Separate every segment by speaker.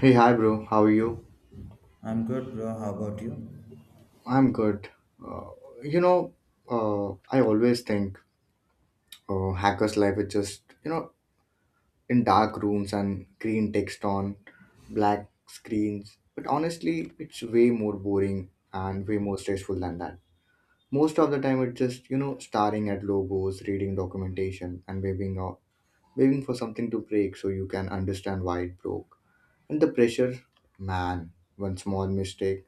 Speaker 1: Hey, hi, bro. How are you?
Speaker 2: I'm good, bro. How about you?
Speaker 1: I'm good. Uh, you know, uh, I always think hackers' life is just, in dark rooms and green text on black screens. But honestly, it's way more boring and way more stressful than that. Most of the time, it's just, staring at logos, reading documentation, and waving for something to break so you can understand why it broke. And the pressure, man, one small mistake.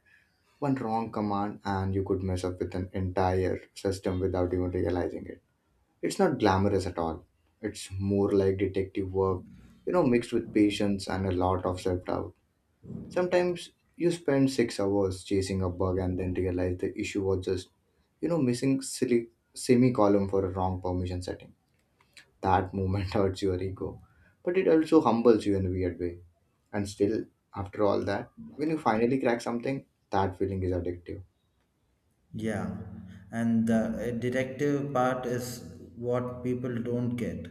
Speaker 1: One wrong command, and you could mess up with an entire system without even realizing it. It's not glamorous at all. It's more like detective work, mixed with patience and a lot of self doubt. Sometimes you spend 6 hours chasing a bug and then realize the issue was just, missing silly semicolon for a wrong permission setting. That moment hurts your ego, but it also humbles you in a weird way. And still, after all that, when you finally crack something, that feeling is addictive.
Speaker 2: Yeah. And the detective part is what people don't get.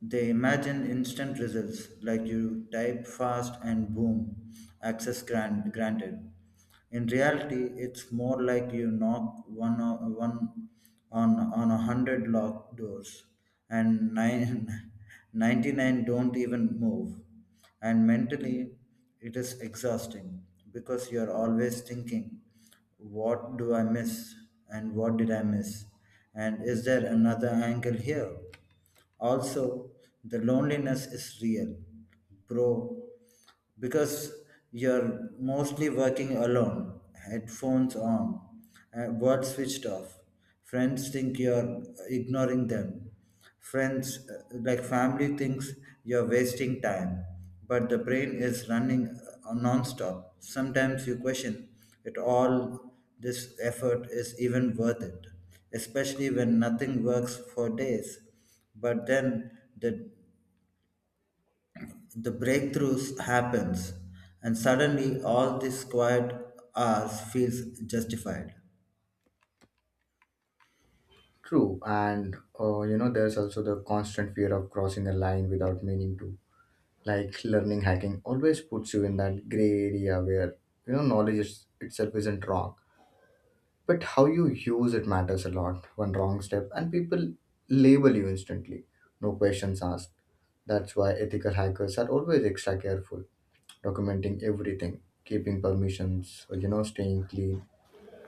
Speaker 2: They imagine instant results, like you type fast and boom, access granted. In reality, it's more like you knock one on 100 locked doors, and nine 99 don't even move. And mentally, it is exhausting because you're always thinking, what do I miss, and what did I miss? And is there another angle here? Also, the loneliness is real, bro, because you're mostly working alone, headphones on, words switched off. Friends think you're ignoring them. Friends, like family, thinks you're wasting time, but the brain is running non-stop. Sometimes you question it all, this effort is even worth it, especially when nothing works for days. But then the breakthroughs happens, and suddenly all this quiet hours feels justified.
Speaker 1: True, and there's also the constant fear of crossing a line without meaning to. Like learning hacking always puts you in that gray area where knowledge is, itself isn't wrong, but how you use it matters a lot. One wrong step, and people label you instantly, no questions asked. That's why ethical hackers are always extra careful, documenting everything, keeping permissions, staying clean.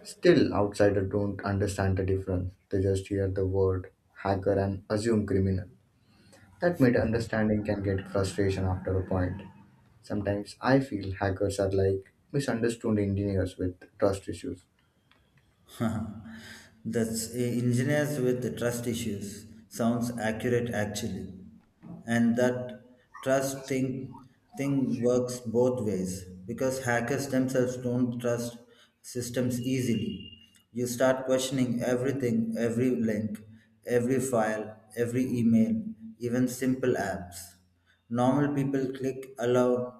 Speaker 1: Still, outsiders don't understand the difference. They just hear the word hacker and assume criminal. That made understanding can get frustration after a point. Sometimes I feel hackers are like misunderstood engineers with trust issues.
Speaker 2: That's engineers with trust issues. Sounds accurate, actually. And that trust thing works both ways, because hackers themselves don't trust systems easily. You start questioning everything, every link, every file, every email, even simple apps. Normal people click allow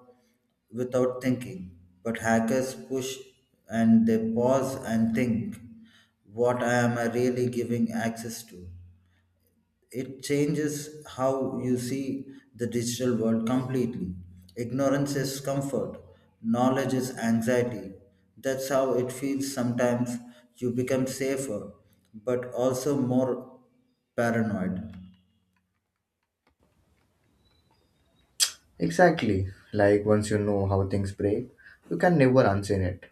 Speaker 2: without thinking. But hackers push, and they pause and think, what I am I really giving access to. It changes how you see the digital world completely. Ignorance is comfort, knowledge is anxiety. That's how it feels sometimes. You become safer, but also more paranoid.
Speaker 1: Exactly, like once you know how things break, you can never unseen it.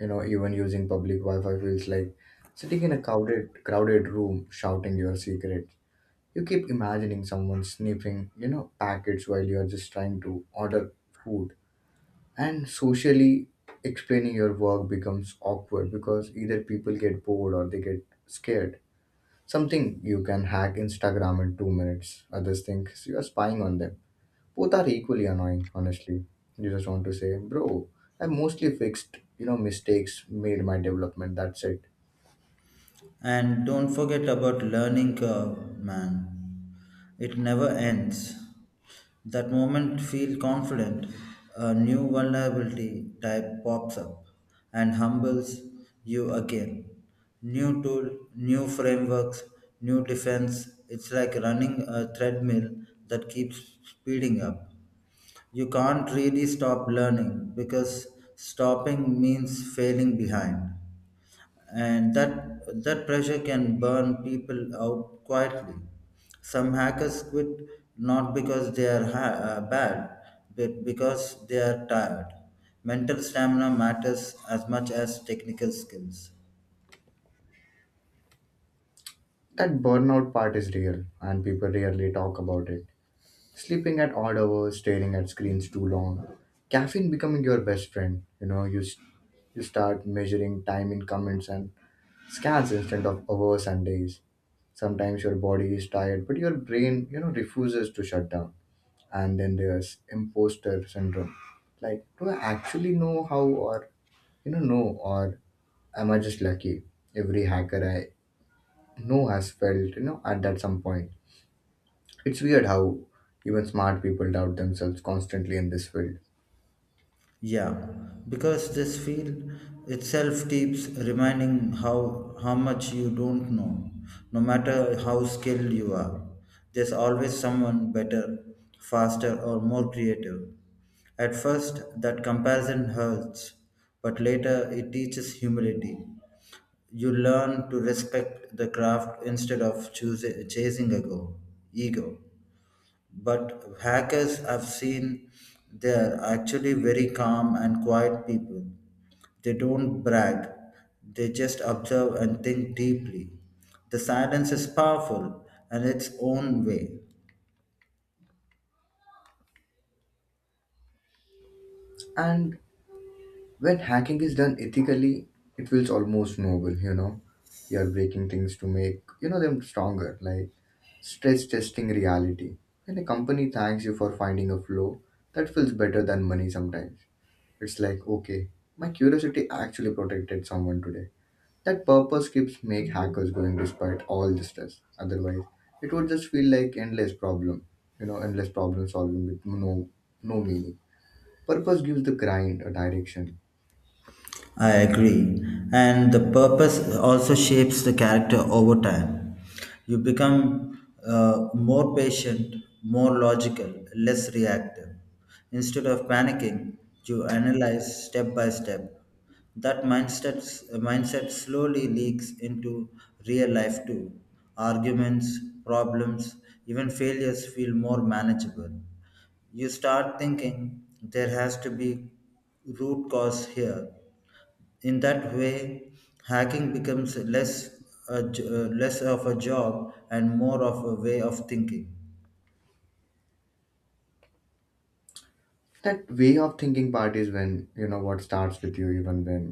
Speaker 1: You know, even using public Wi-Fi feels like sitting in a crowded room shouting your secret. You keep imagining someone sniffing, packets while you're just trying to order food. And socially, explaining your work becomes awkward because either people get bored or they get scared. Something you can hack Instagram in 2 minutes. Others think you're spying on them. Both are equally annoying, honestly. You just want to say, bro, I mostly fixed, mistakes made my development. That's it.
Speaker 2: And don't forget about learning curve, man. It never ends. That moment, feel confident, a new vulnerability type pops up and humbles you again. New tool, new frameworks, new defense. It's like running a treadmill that keeps speeding up. You can't really stop learning, because stopping means failing behind. And that pressure can burn people out quietly. Some hackers quit, not because they are bad, but because they are tired. Mental stamina matters as much as technical skills.
Speaker 1: That burnout part is real and people rarely talk about it. Sleeping at odd hours, staring at screens too long, caffeine becoming your best friend. You know, you start measuring time in comments and scans instead of hours and days. Sometimes your body is tired, but your brain, refuses to shut down. And then there's imposter syndrome. Like, do I actually know how or, know or am I just lucky? Every hacker I know has felt, at that some point. It's weird how even smart people doubt themselves constantly in this field.
Speaker 2: Yeah, because this field itself keeps reminding how much you don't know, no matter how skilled you are. There's always someone better, faster, or more creative. At first, that comparison hurts, but later it teaches humility. You learn to respect the craft instead of chasing a goal, ego. But hackers I've seen, they are actually very calm and quiet people. They don't brag, they just observe and think deeply. The silence is powerful in its own way.
Speaker 1: And when hacking is done ethically, it feels almost noble, you know. You are breaking things to make, them stronger, like stress testing reality. When a company thanks you for finding a flaw, that feels better than money sometimes. It's like, okay, my curiosity actually protected someone today. That purpose keeps make hackers going despite all the stress. Otherwise, it would just feel like endless problem, endless problem solving with no meaning. Purpose gives the grind a direction.
Speaker 2: I agree. And the purpose also shapes the character over time. You become more patient, more logical, less reactive. Instead of panicking, you analyze step by step. That mindset slowly leaks into real life too. Arguments, problems, even failures feel more manageable. You start thinking there has to be root cause here. In that way, hacking becomes less less of a job and more of a way of thinking.
Speaker 1: That way of thinking part is when you know what starts with you even when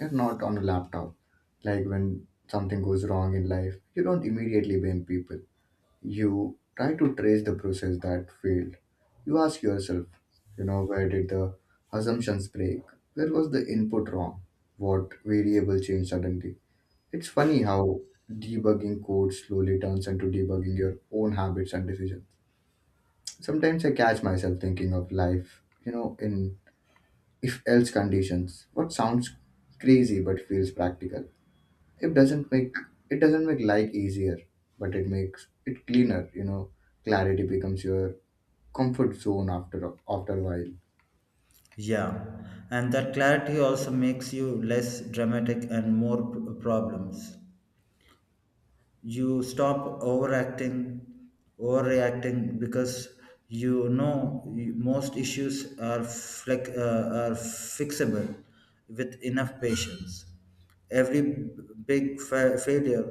Speaker 1: you're not on a laptop. Like when something goes wrong in life, you don't immediately blame people. You try to trace the process that failed. You ask yourself, where did the assumptions break, where was the input wrong, what variable changed suddenly. It's funny how debugging code slowly turns into debugging your own habits and decisions. Sometimes I catch myself thinking of life, in if else conditions, what sounds crazy but feels practical. It doesn't make it doesn't make life easier, but it makes it cleaner. Clarity becomes your comfort zone after a while.
Speaker 2: Yeah, and that clarity also makes you less dramatic and more problems. You stop overacting overreacting, because most issues are are fixable with enough patience. Every big failure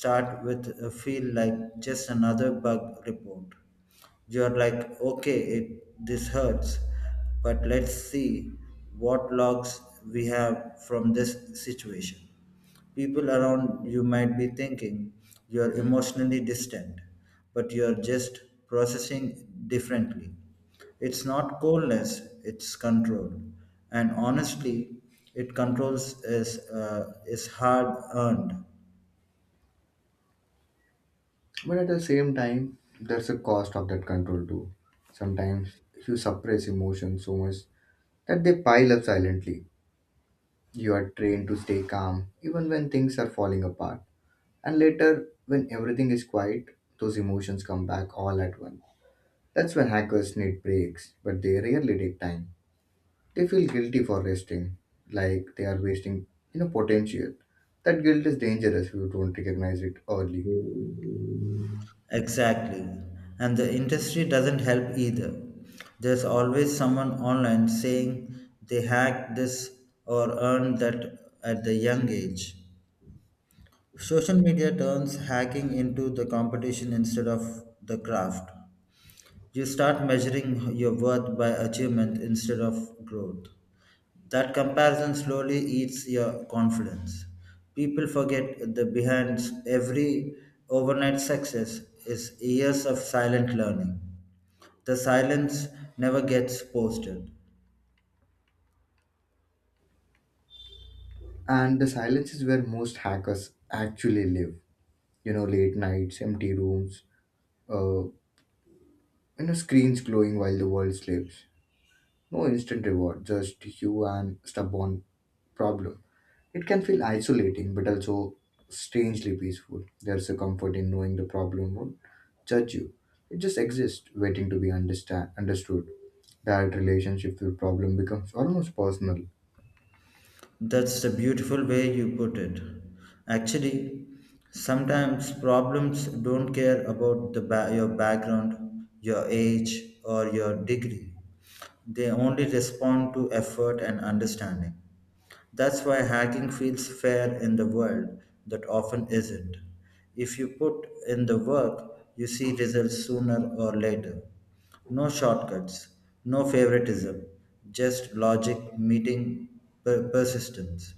Speaker 2: start with a feel like just another bug report. You're like, okay, it this hurts, but let's see what logs we have from this situation. People around you might be thinking you're emotionally distant, but you're just processing differently. It's not coldness, it's control. And honestly, it controls is hard earned.
Speaker 1: But at the same time, there's a cost of that control too. Sometimes you suppress emotions so much that they pile up silently. You are trained to stay calm even when things are falling apart, and later, when everything is quiet, those emotions come back all at once. That's when hackers need breaks, but they rarely take time. They feel guilty for resting, like they are wasting potential. That guilt is dangerous if you don't recognize it early.
Speaker 2: Exactly. And the industry doesn't help either. There's always someone online saying they hacked this or earned that at the young age. Social media turns hacking into the competition instead of the craft. You start measuring your worth by achievement instead of growth. That comparison slowly eats your confidence. People forget the behind every overnight success is years of silent learning. The silence never gets posted.
Speaker 1: And the silence is where most hackers actually live. You know, late nights, empty rooms, uh, you screens glowing while the world sleeps. No instant reward, just you and stubborn problems. It can feel isolating, but also strangely peaceful. There's a comfort in knowing the problem won't judge you. It just exists, waiting to be understand understood. That relationship with problem becomes almost personal.
Speaker 2: That's the beautiful way you put it. Actually, sometimes problems don't care about the your background, your age, or your degree. They only respond to effort and understanding. That's why hacking feels fair in the world that often isn't. If you put in the work, you see results sooner or later. No shortcuts, no favoritism, just logic meeting persistence.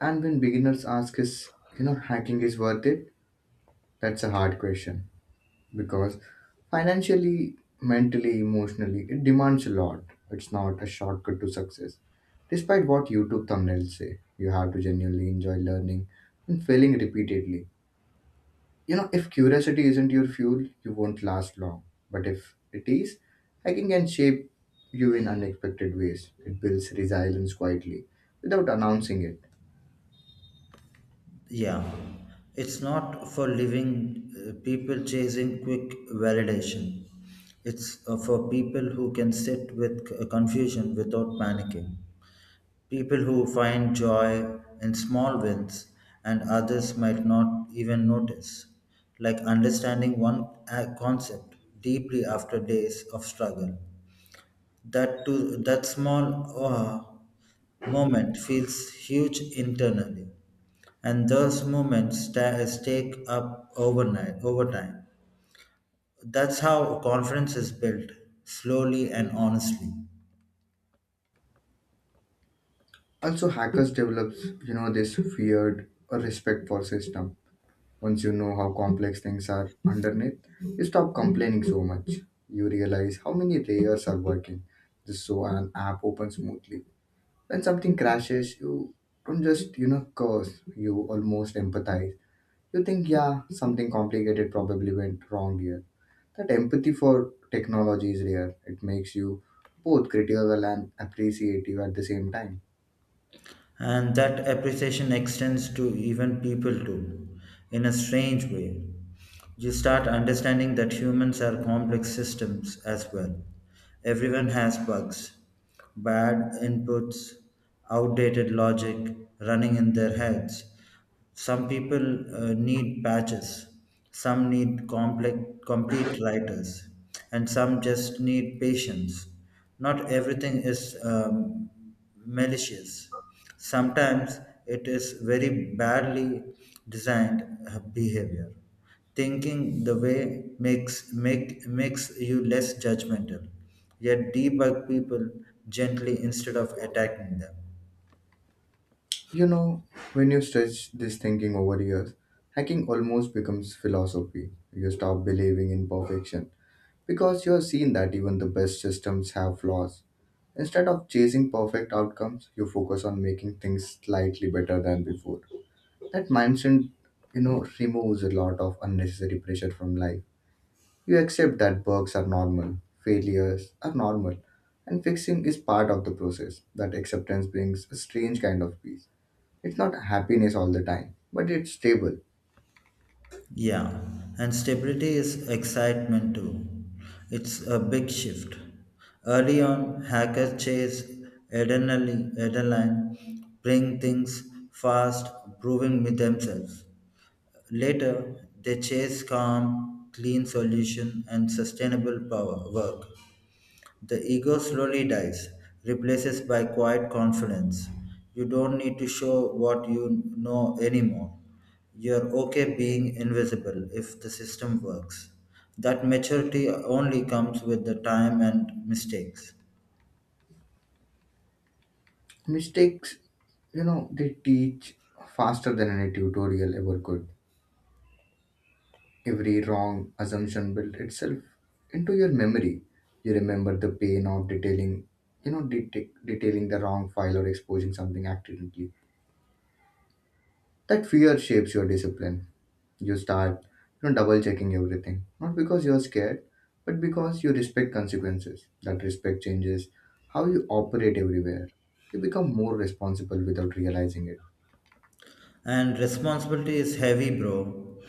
Speaker 1: And when beginners ask is hacking is worth it, that's a hard question because financially, mentally, emotionally, it demands a lot. It's not a shortcut to success. Despite what YouTube thumbnails say, you have to genuinely enjoy learning and failing repeatedly. You know, if curiosity isn't your fuel, you won't last long. But if it is, hiking can shape you in unexpected ways. It builds resilience quietly without announcing it.
Speaker 2: Yeah, it's not for living people chasing quick validation. It's for people who can sit with confusion without panicking. People who find joy in small wins and others might not even notice. Like understanding one concept deeply after days of struggle. That small ah moment feels huge internally, and those moments stake up overnight over time. That's how confidence is built, slowly and honestly.
Speaker 1: Also, hackers develop, this feared or respect for system. Once you know how complex things are underneath, you stop complaining so much. You realize how many layers are working just so an app opens smoothly. When something crashes, you don't just, curse, you almost empathize. You think, yeah, something complicated probably went wrong here. That empathy for technology is rare. It makes you both critical and appreciative at the same time.
Speaker 2: And that appreciation extends to even people too, in a strange way. You start understanding that humans are complex systems as well. Everyone has bugs, bad inputs, outdated logic running in their heads. Some people need patches, some need complete writers, and some just need patience. Not everything is malicious. Sometimes it is very badly designed behavior. Thinking the way makes you less judgmental. Yet debug people gently instead of attacking them.
Speaker 1: You know, when you stretch this thinking over years, hacking almost becomes philosophy. You stop believing in perfection because you have seen that even the best systems have flaws. Instead of chasing perfect outcomes, you focus on making things slightly better than before. That mindset, removes a lot of unnecessary pressure from life. You accept that bugs are normal, failures are normal, and fixing is part of the process. That acceptance brings a strange kind of peace. It's not happiness all the time, but it's stable.
Speaker 2: Yeah, and stability is excitement too. It's a big shift. Early on, hackers chase adrenaline, bring things fast, proving with themselves. Later, they chase calm, clean solution and sustainable power work. The ego slowly dies, replaces by quiet confidence. You don't need to show what you know anymore. You're okay being invisible if the system works. That maturity only comes with the time and mistakes.
Speaker 1: Mistakes, they teach faster than any tutorial ever could. Every wrong assumption built itself into your memory. You remember the pain of detailing, detailing the wrong file or exposing something accidentally. That fear shapes your discipline. You start, double checking everything, not because you're scared, but because you respect consequences. That respect changes how you operate everywhere. You become more responsible without realizing it.
Speaker 2: And responsibility is heavy, bro.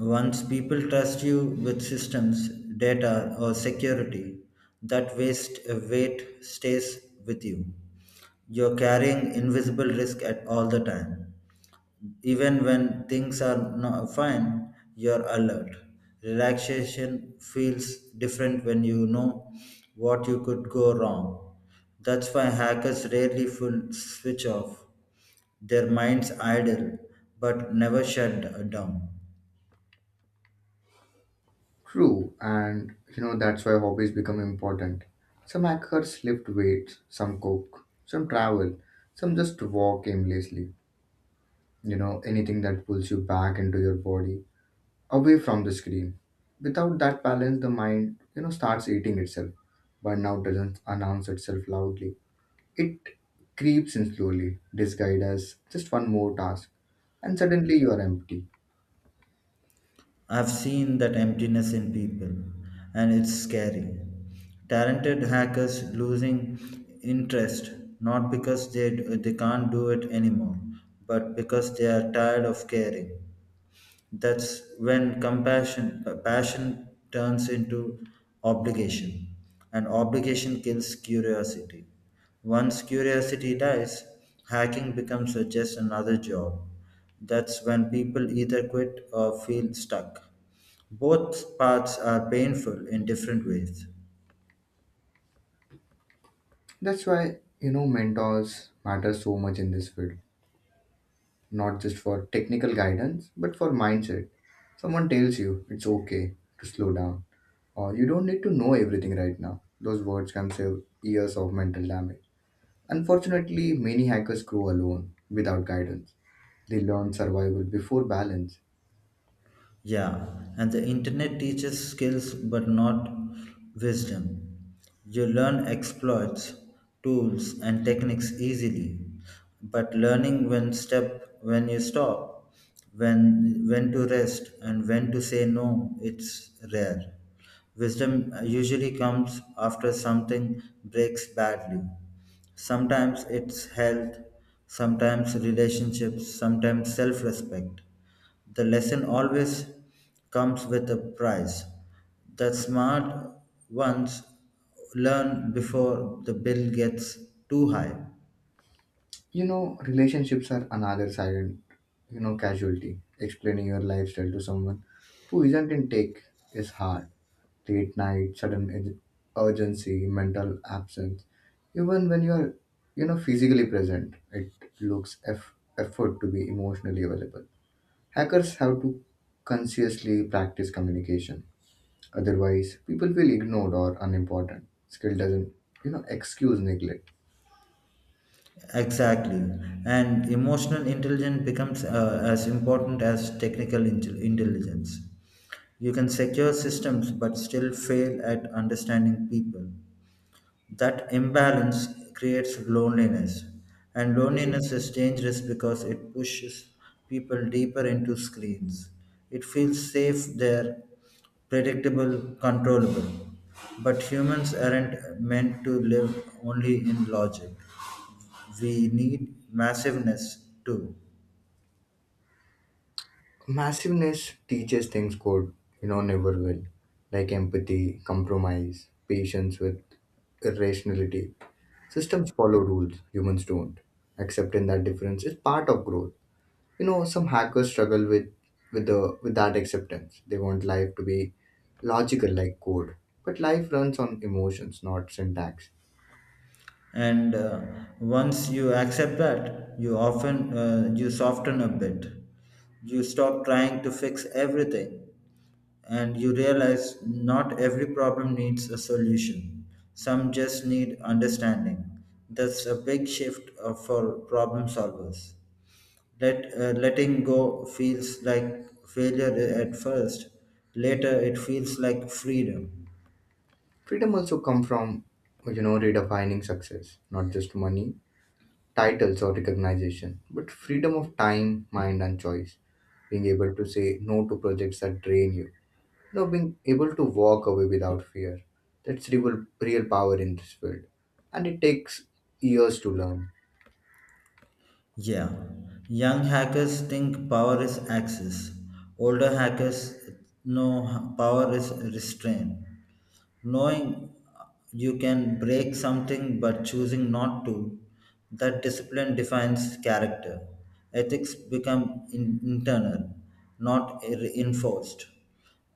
Speaker 2: Once people trust you with systems, data, or security, that waste weight stays with you. You're carrying invisible risk at all the time, even when things are not fine, you're alert. Relaxation feels different when you know what you could go wrong. That's why hackers rarely full switch off. Their minds idle, but never shut down.
Speaker 1: True, and that's why hobbies become important. Some hackers lift weights, some cook, some travel, some just walk aimlessly. You know, anything that pulls you back into your body, away from the screen. Without that balance, the mind, starts eating itself. Burnout doesn't announce itself loudly. It creeps in slowly, disguised as just one more task, and suddenly you are empty.
Speaker 2: I've seen that emptiness in people, and it's scary. Talented hackers losing interest, not because they can't do it anymore, but because they are tired of caring. That's when compassion passion turns into obligation, and obligation kills curiosity. Once curiosity dies, hacking becomes just another job. That's when people either quit or feel stuck. Both paths are painful in different ways.
Speaker 1: That's why, mentors matter so much in this field, not just for technical guidance, but for mindset. Someone tells you it's okay to slow down, or you don't need to know everything right now. Those words can save years of mental damage. Unfortunately, many hackers grow alone without guidance. They learn survival before balance.
Speaker 2: Yeah, and the internet teaches skills but not wisdom. You learn exploits, tools, and techniques easily, but learning when you stop, when to rest, and when to say no, it's rare. Wisdom usually comes after something breaks badly. Sometimes it's health, sometimes relationships, sometimes self-respect. The lesson always comes with a price. The smart ones learn before the bill gets too high.
Speaker 1: You know, relationships are another silent, casualty. Explaining your lifestyle to someone who isn't in tech is hard. Late night, sudden urgency, mental absence. Even when you are, physically present, it looks effort to be emotionally available. Hackers have to consciously practice communication. Otherwise, people feel ignored or unimportant. Skill doesn't, excuse neglect.
Speaker 2: Exactly. And emotional intelligence becomes as important as technical intelligence. You can secure systems but still fail at understanding people. That imbalance creates loneliness, and loneliness is dangerous because it pushes people deeper into screens. It feels safe there, predictable, controllable. But humans aren't meant to live only in logic. We need massiveness too.
Speaker 1: Massiveness teaches things code, never will, like empathy, compromise, patience with irrationality. Systems follow rules, humans don't. Accepting that difference is part of growth. You know, some hackers struggle with that acceptance. They want life to be logical like code. But life runs on emotions, not syntax.
Speaker 2: And once you accept that, you often you soften a bit. You stop trying to fix everything, and you realize not every problem needs a solution. Some just need understanding. That's a big shift for problem solvers. Letting go feels like failure at first. Later it feels like freedom.
Speaker 1: Freedom also come from redefining success, not just money, titles or recognition, but freedom of time, mind and choice. Being able to say no to projects that drain you, being able to walk away without fear. That's real, real power in this field. And it takes years to learn.
Speaker 2: Yeah, young hackers think power is access. Older hackers know power is restraint. Knowing you can break something but choosing not to, that discipline defines character. Ethics become internal, not enforced.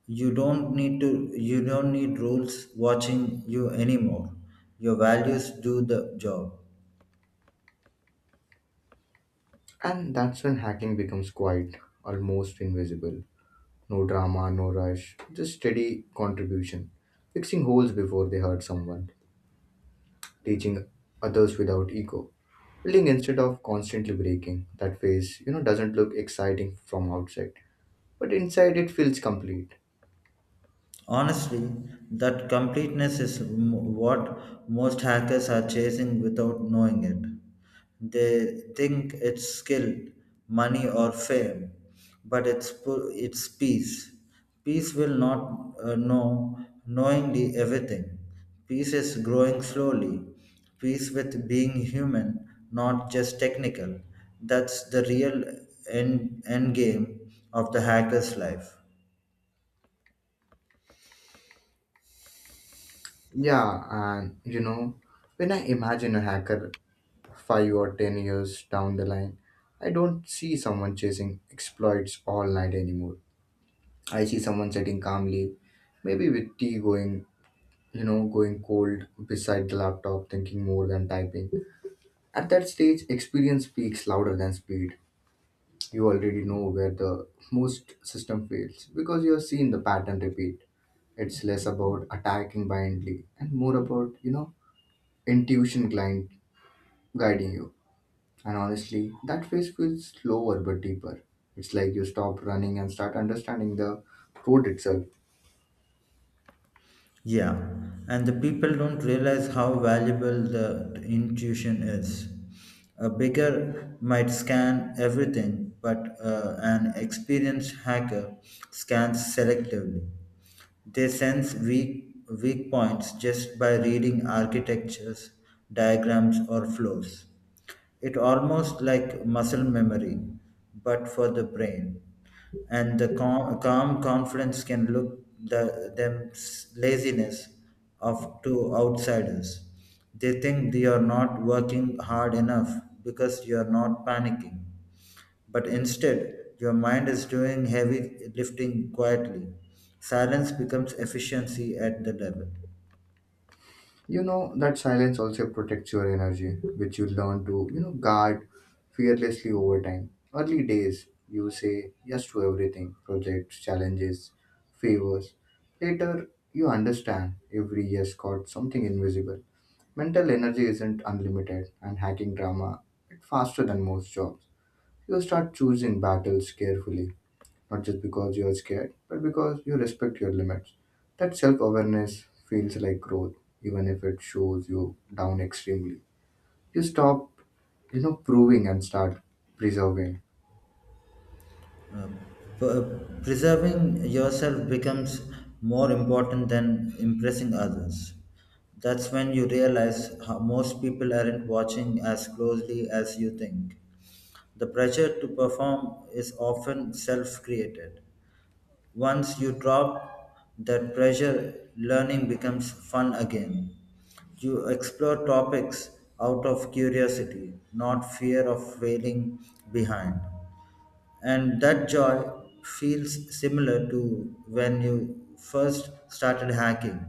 Speaker 2: You don't need to. You don't need rules watching you anymore. Your values do the job.
Speaker 1: And that's when hacking becomes quiet, almost invisible. No drama, no rush, just steady contribution. Fixing holes before they hurt someone, teaching others without ego, building instead of constantly breaking. That phase, doesn't look exciting from outside, but inside it feels complete.
Speaker 2: Honestly, that completeness is what most hackers are chasing without knowing it. They think it's skill, money, or fame, but it's peace. Peace will not know knowingly everything. Peace is growing slowly. Peace with being human, not just technical. That's the real end game of the hacker's life.
Speaker 1: Yeah, and when I imagine a hacker 5 or 10 years down the line, I don't see someone chasing exploits all night anymore. I see someone sitting calmly, maybe with tea going, going cold beside the laptop, thinking more than typing. At that stage, experience speaks louder than speed. You already know where the most system fails because you have seen the pattern repeat. It's less about attacking blindly and more about, intuition client guiding you. And honestly, that phase feels slower but deeper. It's like you stop running and start understanding the road itself.
Speaker 2: Yeah, and the people don't realize how valuable the intuition is. A beggar might scan everything, but an experienced hacker scans selectively. They sense weak points just by reading architectures, diagrams, or flows. It almost like muscle memory, but for the brain. And the calm confidence can look laziness of to outsiders. They think they are not working hard enough because you are not panicking. But instead, your mind is doing heavy lifting quietly. Silence becomes efficiency at the level.
Speaker 1: You know that silence also protects your energy, which you learn to, guard fearlessly over time. Early days, you say yes to everything, projects, challenges, favors. Later, you understand every yes got something invisible. Mental energy isn't unlimited and hacking drama it's faster than most jobs. You start choosing battles carefully, not just because you are scared, but because you respect your limits. That self awareness feels like growth, even if it shows you down extremely. You stop, proving and start preserving.
Speaker 2: P- preserving yourself becomes more important than impressing others. That's when you realize how most people aren't watching as closely as you think. The pressure to perform is often self created. Once you drop that pressure, learning becomes fun again. You explore topics out of curiosity, not fear of failing behind. And that joy feels similar to when you first started hacking.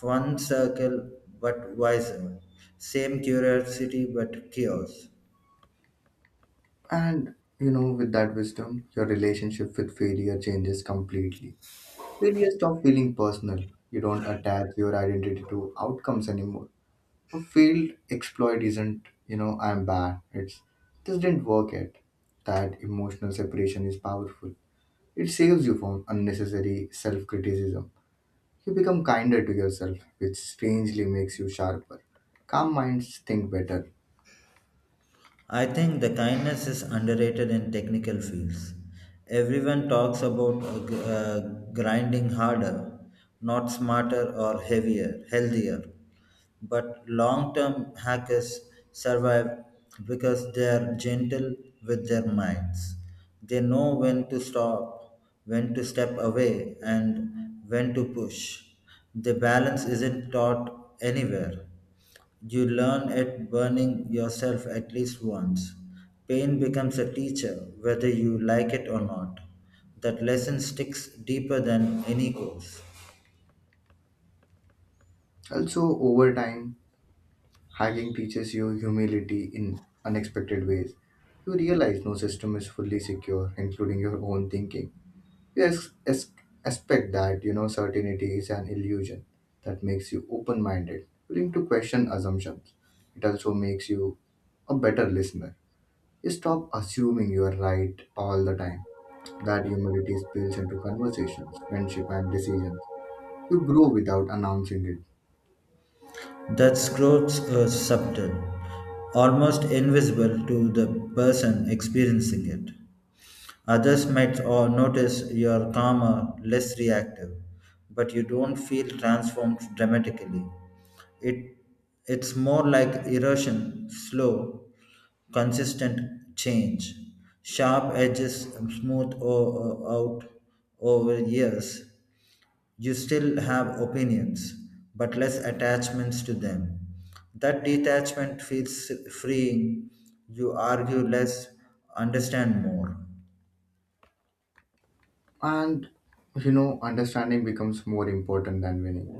Speaker 2: One circle, but wiser. Same curiosity, but chaos.
Speaker 1: And, with that wisdom, your relationship with failure changes completely. Failure stops feeling personal. You don't attach your identity to outcomes anymore. A failed exploit isn't, I'm bad. It's this didn't work yet. That emotional separation is powerful. It saves you from unnecessary self criticism. You become kinder to yourself, which strangely makes you sharper. Calm minds think better.
Speaker 2: I think the kindness is underrated in technical fields. Everyone talks about grinding harder, not smarter, or heavier, healthier. But long-term hackers survive because they are gentle with their minds. They know when to stop, when to step away, and when to push. The balance isn't taught anywhere. You learn it burning yourself at least once. Pain becomes a teacher, whether you like it or not. That lesson sticks deeper than any course.
Speaker 1: Also, over time, hacking teaches you humility in unexpected ways. You realize no system is fully secure, including your own thinking. Yes, expect that certainty is an illusion that makes you open-minded, willing to question assumptions. It also makes you a better listener. You stop assuming you are right all the time. That humility spills into conversations, friendship, and decisions. You grow without announcing it,
Speaker 2: That growth is subtle, almost invisible to the person experiencing it. Others might or notice you're calmer, less reactive, but you don't feel transformed dramatically. It, it's more like erosion, slow, consistent change. Sharp edges smooth out over years, you still have opinions, but less attachments to them. That detachment feels freeing. You argue less, understand more.
Speaker 1: and understanding becomes more important than winning.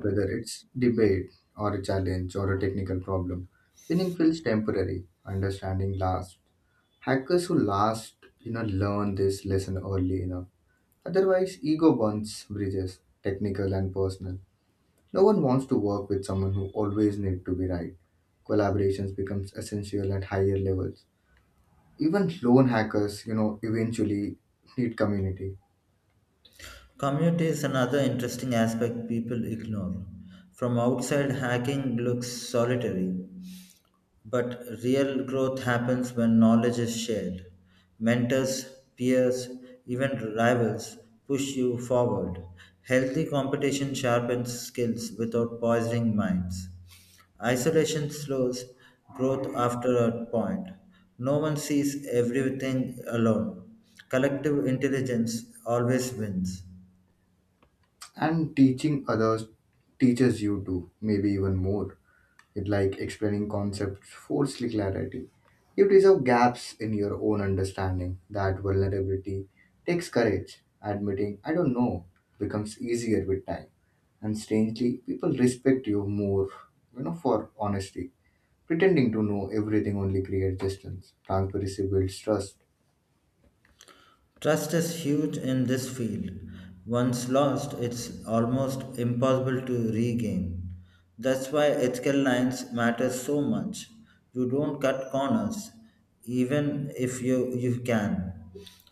Speaker 1: Whether it's debate or a challenge or a technical problem, winning feels temporary. Understanding lasts. Hackers who last, learn this lesson early enough. Otherwise, ego burns bridges, technical and personal. No one wants to work with someone who always needs to be right. Collaborations becomes essential at higher levels. Even lone hackers, eventually need community.
Speaker 2: Community is another interesting aspect people ignore. From outside, hacking looks solitary, but real growth happens when knowledge is shared. Mentors, peers, even rivals push you forward. Healthy competition sharpens skills without poisoning minds. Isolation slows growth after a point. No one sees everything alone. Collective intelligence always wins.
Speaker 1: And teaching others teaches you to, maybe even more. It like explaining concepts forcefully clarity. You deserve gaps in your own understanding. That vulnerability takes courage. Admitting I don't know becomes easier with time. And strangely, people respect you more, for honesty. Pretending to know everything only creates distance. Transparency builds trust.
Speaker 2: Trust is huge in this field. Once lost, it's almost impossible to regain. That's why ethical lines matter so much. You don't cut corners, even if you can.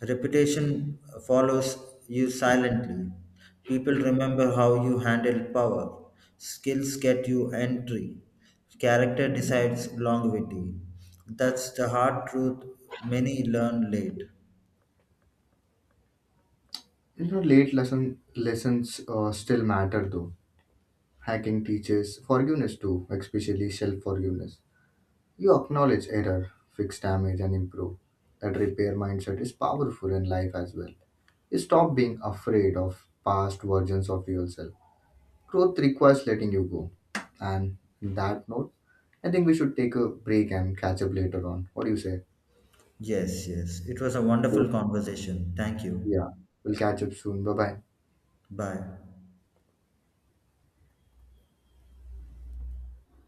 Speaker 2: Reputation follows you silently. People remember how you handle power. Skills get you entry. Character decides longevity. That's the hard truth many learn late.
Speaker 1: You know, late lessons still matter though. Hacking teaches forgiveness too, especially self forgiveness. You acknowledge error, fix damage, and improve. That repair mindset is powerful in life as well. You stop being afraid of past versions of yourself. Growth requires letting you go. And on that note, I think we should take a break and catch up later on. What do you say?
Speaker 2: Yes, yes. It was a wonderful
Speaker 1: Good.
Speaker 2: conversation. Thank you.
Speaker 1: Yeah, we'll catch up soon. Bye bye.
Speaker 2: Bye.